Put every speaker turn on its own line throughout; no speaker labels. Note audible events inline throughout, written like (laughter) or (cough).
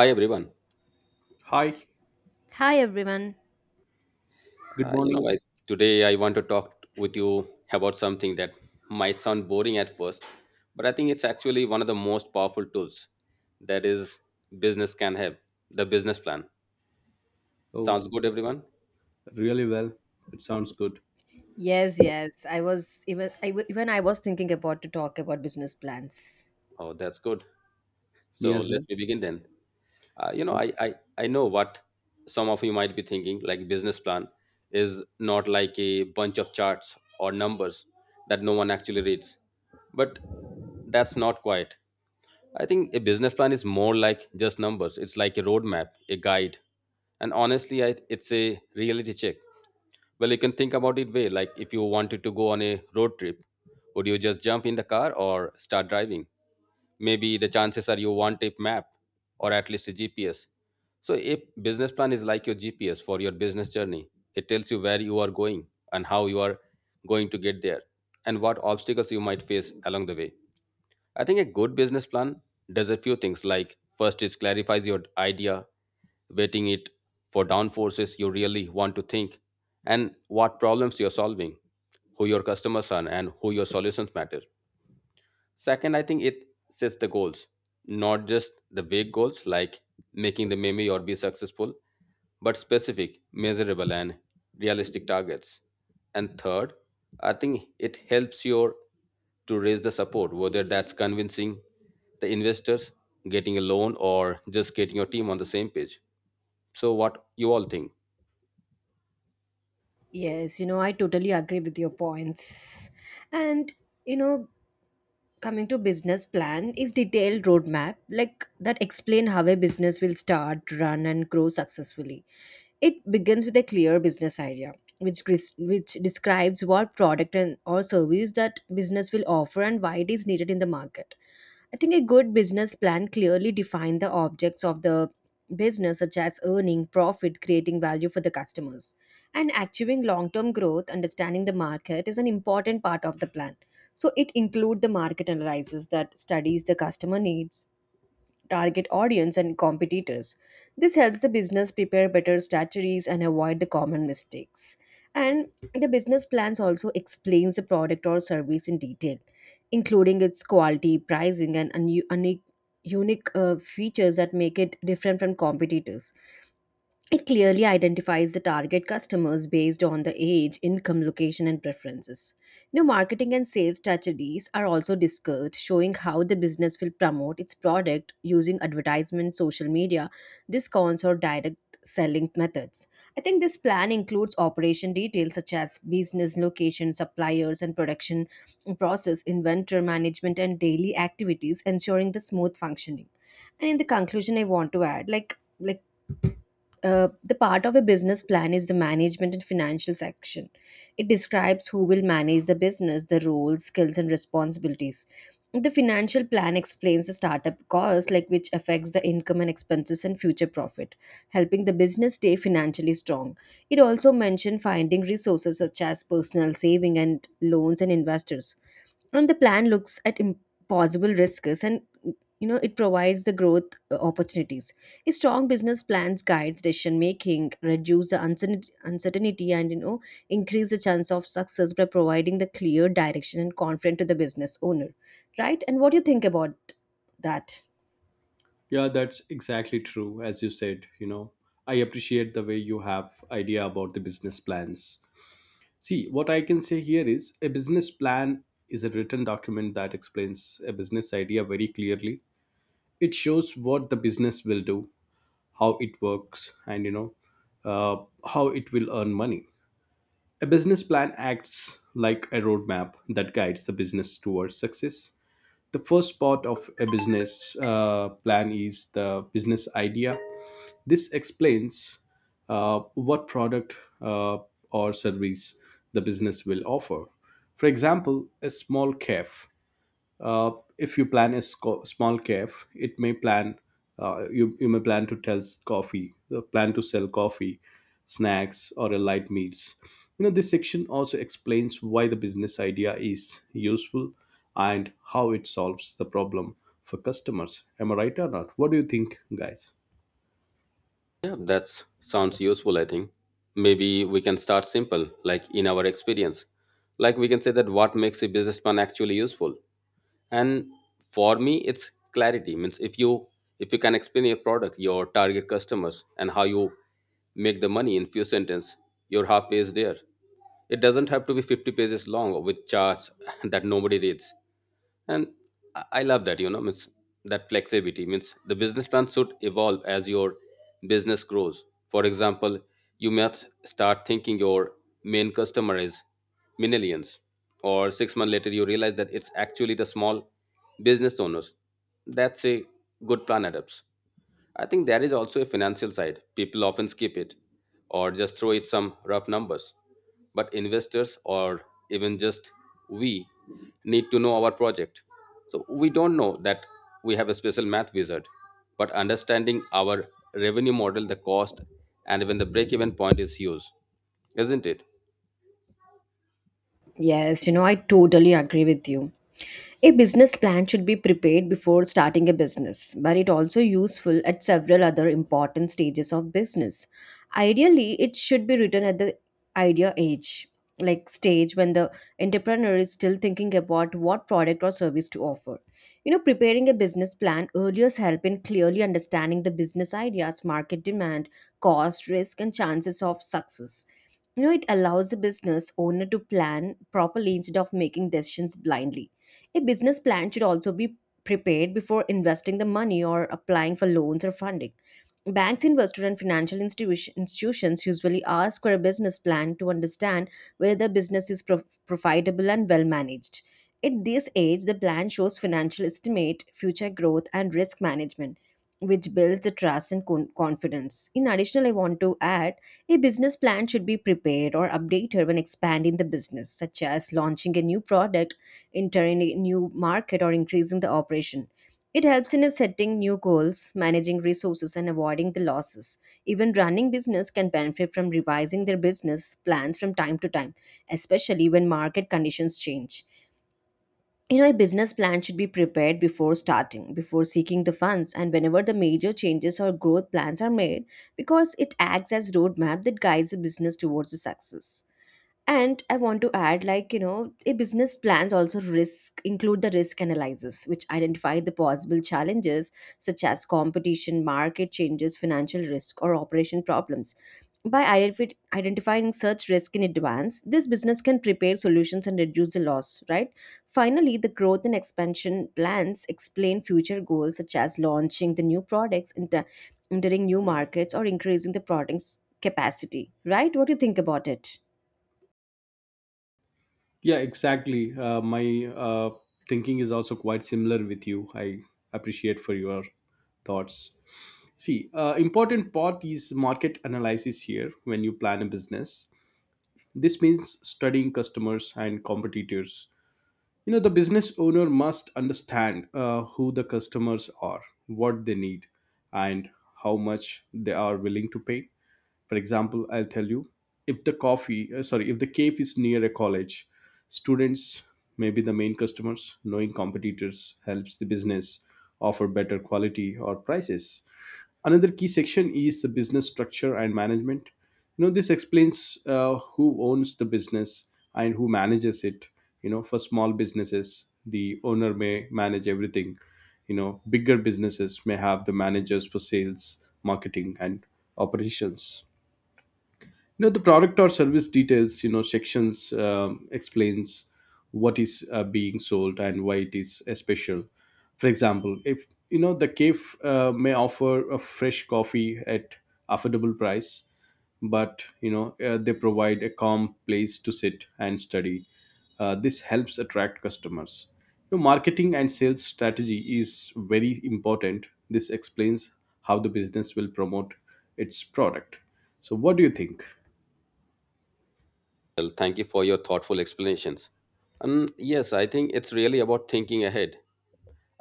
Hi everyone.
Hi,
Hi everyone.
good
Uh, you
morning.
know, I, Today I want to talk with you about something that might sound boring at first, but I think it's actually one of the most powerful tools that is business can have, the business plan.
Oh,
Sounds good, everyone?
really well. It sounds good.
Yes, yes. I was even I w- even I was thinking about to talk about business plans.
Oh, that's good.
Me
So
as well.
let's we begin then. Uh, you know,
Yeah.
I, I I know what some of you might be thinking. Like business plan is not like a bunch of charts or numbers that no one actually reads, but that's not quite I think a business plan is more like just numbers. It's like a roadmap, a guide. And honestly, I, it's a reality check. Well, you can think about it way like if you wanted to go on a road trip, would you just jump in the car or start driving? Maybe the chances are you want a map or at least a GPS. So a business plan is like your GPS for your business journey. It tells you where you are going and how you are going to get there and what obstacles you might face along the way. I think a good business plan does a few things like first it clarifies your idea, waiting it for downforces you really want to think and what problems you're solving, who your customers are and who your solutions matter. Second, I think it sets the goals, not just the big goals like making the meme or be successful, but specific, measurable, and realistic targets. And third, I think it helps you to raise the support, whether that's convincing the investors, getting a loan, or just getting your team on the same page. So, what you all think?
Yes, you know, I totally agree with your points. And you know, coming to business plan is detailed roadmap like that explain how a business will start run and grow successfully. It begins with a clear business idea which describes what product and or service that business will offer and why it is needed in the market. I think a good business plan clearly defines the objects of the business such as earning profit, creating value for the customers, and achieving long term growth. Understanding the market is an important part of the plan, so it includes the market analysis that studies the customer needs, target audience and competitors. This helps the business prepare better strategies and avoid the common mistakes. And the business plans also explains the product or service in detail, including its quality, pricing and un- unique unique features that make it different from competitors. It clearly identifies the target customers based on the age, income, location, and preferences. New marketing and sales strategies are also discussed, showing how the business will promote its product using advertisement, social media, discounts, or direct selling methods. I think this plan includes operation details such as business location, suppliers, and production process, inventory management, and daily activities, ensuring the smooth functioning. And in the conclusion, I want to add the part of a business plan is the management and financial section. It describes who will manage the business, the roles, skills, and responsibilities. The financial plan explains the startup cost, like which affects the income and expenses and future profit, helping the business stay financially strong. It also mentioned finding resources such as personal saving and loans and investors. And the plan looks at impossible risks, and it provides the growth opportunities. A strong business plans guides decision making, reduce the uncertainty, and increase the chance of success by providing the clear direction and confidence to the business owner, right? And what do you think about that?
Yeah, that's exactly true. As you said, you know, I appreciate the way you have idea about the business plans. See, what I can say here is a business plan is a written document that explains a business idea very clearly. It shows what the business will do, how it works, and you know, how it will earn money. A business plan acts like a roadmap that guides the business towards success. The first part of a business plan is the business idea. This explains what product or service the business will offer. For example, a small cafe. uh, if you plan a small cafe, it may plan, you may plan to tell coffee, plan to sell coffee, snacks, or a light meals. You know, this section also explains why the business idea is useful and how it solves the problem for customers. Am I right or not? What do you think, guys?
Yeah, that sounds useful, I think. Maybe we can start simple, like in our experience. Like we can say that what makes a businessman actually useful. And for me it's clarity means if you can explain your product, your target customers, and how you make the money in few sentences, you're halfway there. It doesn't have to be 50 pages long with charts (laughs) that nobody reads. And I love that, you know, means that flexibility means the business plan should evolve as your business grows. For example, you might start thinking your main customer is millions, or 6 months later you realize that it's actually the small business owners. That's a good plan adapts. I think there is also a financial side. People often skip it or just throw it some rough numbers. But investors or even just we need to know our project. So we don't know that we have a special math wizard, but understanding our revenue model, the cost, and even the break even point is huge, isn't it?
Yes, you know, I totally agree with you. A business plan should be prepared before starting a business, but it also useful at several other important stages of business. Ideally, it should be written at the idea age, like stage when the entrepreneur is still thinking about what product or service to offer. You know, preparing a business plan earlier help in clearly understanding the business ideas, market demand, cost, risk, and chances of success. You know, it allows the business owner to plan properly instead of making decisions blindly. A business plan should also be prepared before investing the money or applying for loans or funding. Banks, investors, and institutions usually ask for a business plan to understand whether the business is profitable and well managed. At this age, the plan shows financial estimate, future growth, and risk management, which builds the trust and confidence. In addition, I want to add a business plan should be prepared or updated when expanding the business, such as launching a new product, entering a new market, or increasing the operation. It helps in setting new goals, managing resources, and avoiding the losses. Even running business can benefit from revising their business plans from time to time, especially when market conditions change. You know, a business plan should be prepared before starting, before seeking the funds, and whenever the major changes or growth plans are made, because it acts as roadmap that guides the business towards the success. And I want to add, you know, a business plans also risk include the risk analysis which identify the possible challenges such as competition, market changes, financial risk, or operation problems. By identifying such risk in advance, this business can prepare solutions and reduce the loss, right? Finally, the growth and expansion plans explain future goals such as launching the new products, entering new markets, or increasing the products capacity. Right, what do you think about it?
Yeah, exactly. My thinking is also quite similar with you. I appreciate for your thoughts. See, important part is market analysis here when you plan a business. This means studying customers and competitors. You know, the business owner must understand who the customers are, what they need, and how much they are willing to pay. For example, I'll tell you, if the coffee, sorry, if the cape is near a college, students may be the main customers. Knowing competitors helps the business offer better quality or prices. Another key section is the business structure and management. You know, this explains who owns the business and who manages it. You know, for small businesses the owner may manage everything. You know, bigger businesses may have the managers for sales, marketing, and operations. You know, the product or service details, you know, sections explains what is being sold and why it is special. For example, if you know, the cave may offer a fresh coffee at affordable price, but you know they provide a calm place to sit and study. This helps attract customers. You know, marketing and sales strategy is very important. This explains how the business will promote its product. So what do you think?
Well, thank you for your thoughtful explanations. Yes, I think it's really about thinking ahead.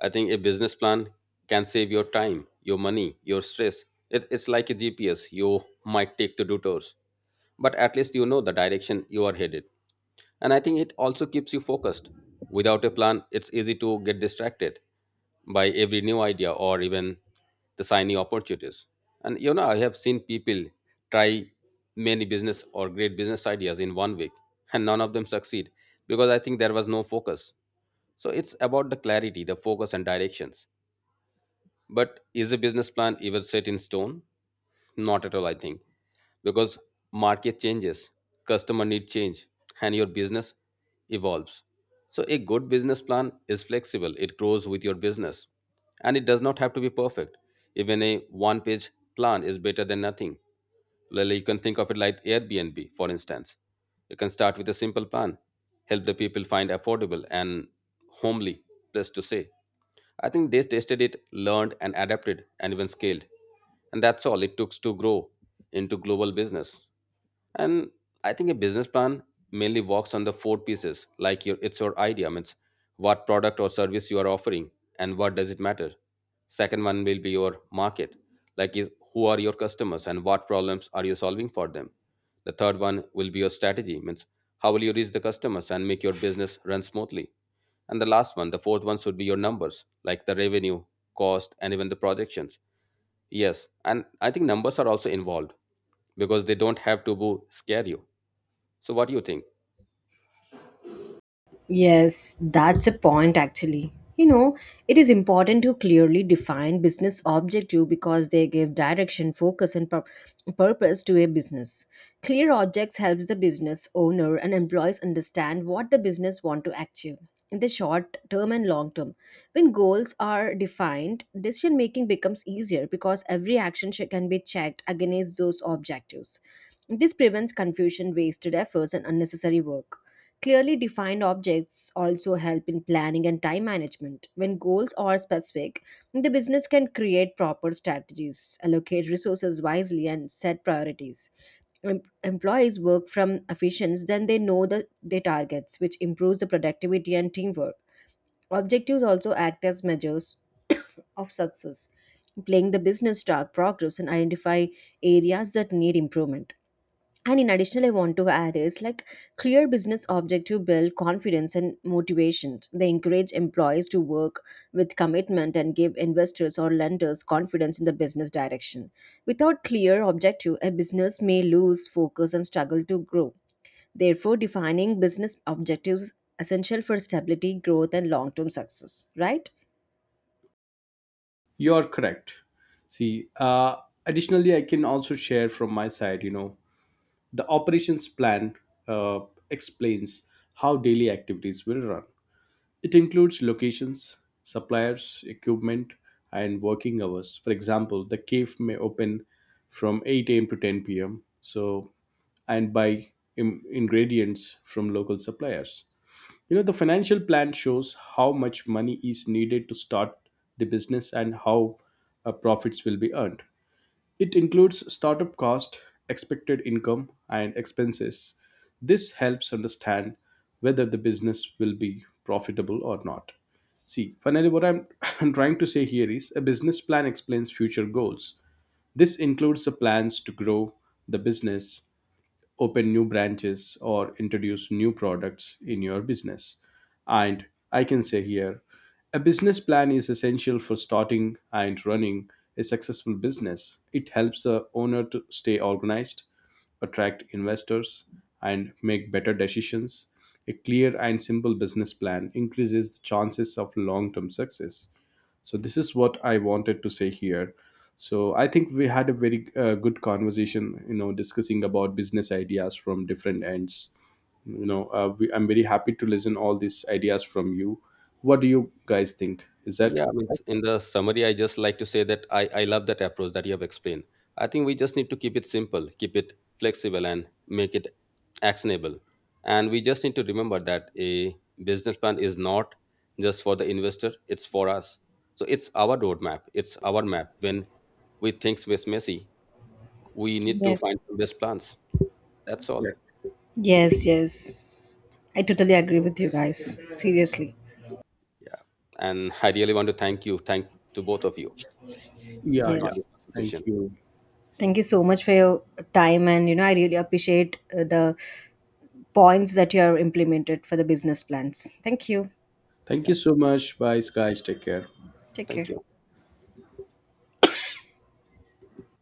I think a business plan can save your time, your money, your stress. It's like a GPS you might take to do tours, but at least you know the direction you are headed. And I think it also keeps you focused. Without a plan, it's easy to get distracted by every new idea or even the shiny opportunities. And you know, I have seen people try many business or great business ideas in 1 week, and none of them succeed because I think there was no focus. So it's about the clarity, the focus, and directions. But is a business plan ever set in stone? Not at all, I think. Because market changes, customer need change, and your business evolves. So a good business plan is flexible. It grows with your business. And it does not have to be perfect. Even a one page plan is better than nothing. Well, you can think of it like Airbnb, for instance. You can start with a simple plan, help the people find affordable and homely place to stay. I think they tested it, learned, and adapted, and even scaled. And that's all it took to grow into global business. And I think a business plan mainly works on the four pieces, like your it's your idea, means what product or service you are offering and what does it matter. Second one will be your market, like is who are your customers and what problems are you solving for them. The third one will be your strategy, means how will you reach the customers and make your business run smoothly. And the last one, the fourth one should be your numbers, like the revenue, cost, and even the projections. Yes, and I think numbers are also involved because they don't have to scare you. So, what do you think?
Yes, that's a point actually. You know, it is important to clearly define business objective because they give direction, focus, and purpose to a business. Clear objects helps the business owner and employees understand what the business want to achieve in the short term and long term. When goals are defined, decision making becomes easier because every can be checked against those objectives. This prevents confusion, wasted efforts, and unnecessary work. Clearly defined objects also help in planning and time management. When goals are specific, the business can create proper strategies, allocate resources wisely, and set priorities. Employees work from efficiency, then they know their targets, which improves the productivity and teamwork. Objectives also act as measures of success, playing the business track progress and identify areas that need improvement. And in addition, I want to add is like clear business objective build confidence and motivation. They encourage employees to work with commitment and give investors or lenders confidence in the business direction. Without clear objective, a business may lose focus and struggle to grow. Therefore, defining business objectives is essential for stability, growth, and long-term success. Right?
You're correct. See, additionally, I can also share from my side, you know, the operations plan uh, explains how daily activities will run. It includes locations, suppliers, equipment, and working hours. For example, the cave may open from 8 a.m. to 10 p.m. So, and buy ingredients from local suppliers. You know, the financial plan shows how much money is needed to start the business and how profits will be earned. It includes startup cost, expected income, and expenses. This helps understand whether the business will be profitable or not. See, finally, (laughs) I'm trying to say here is a business plan explains future goals. This includes the plans to grow the business, open new branches or introduce new products in your business. And I can say here, a business plan is essential for starting and running a successful business. It helps the owner to stay organized, attract investors, and make better decisions. A clear and simple business plan increases the chances of long term success. So this is what I wanted to say here. So I think we had a very good conversation, you know, discussing about business ideas from different ends. You know, I'm very happy to listen all these ideas from you. What do you guys think, is that
Yeah, I mean,
right?
in the summary, I just like to say that I love that approach that you have explained. I think we just need to keep it simple, keep it flexible, and make it actionable. And we just need to remember that a business plan is not just for the investor, it's for us. So, it's our roadmap, it's our map. When we think it's messy, we need to
Yes.
find the best plans. That's all.
Yeah,
Yes, yes. I totally agree with you guys. Seriously.
Yeah. And I really want to thank you. Thank to both of you to
yeah. Yeah,
join
Yes.
this
thank
conversation.
you.
Thank you so much for your time, and you know I really appreciate the points that you have implemented for the business plans. Thank you.
Thank
Yeah.
you so much, bye guys, take care.
Take
Thank
care.
you.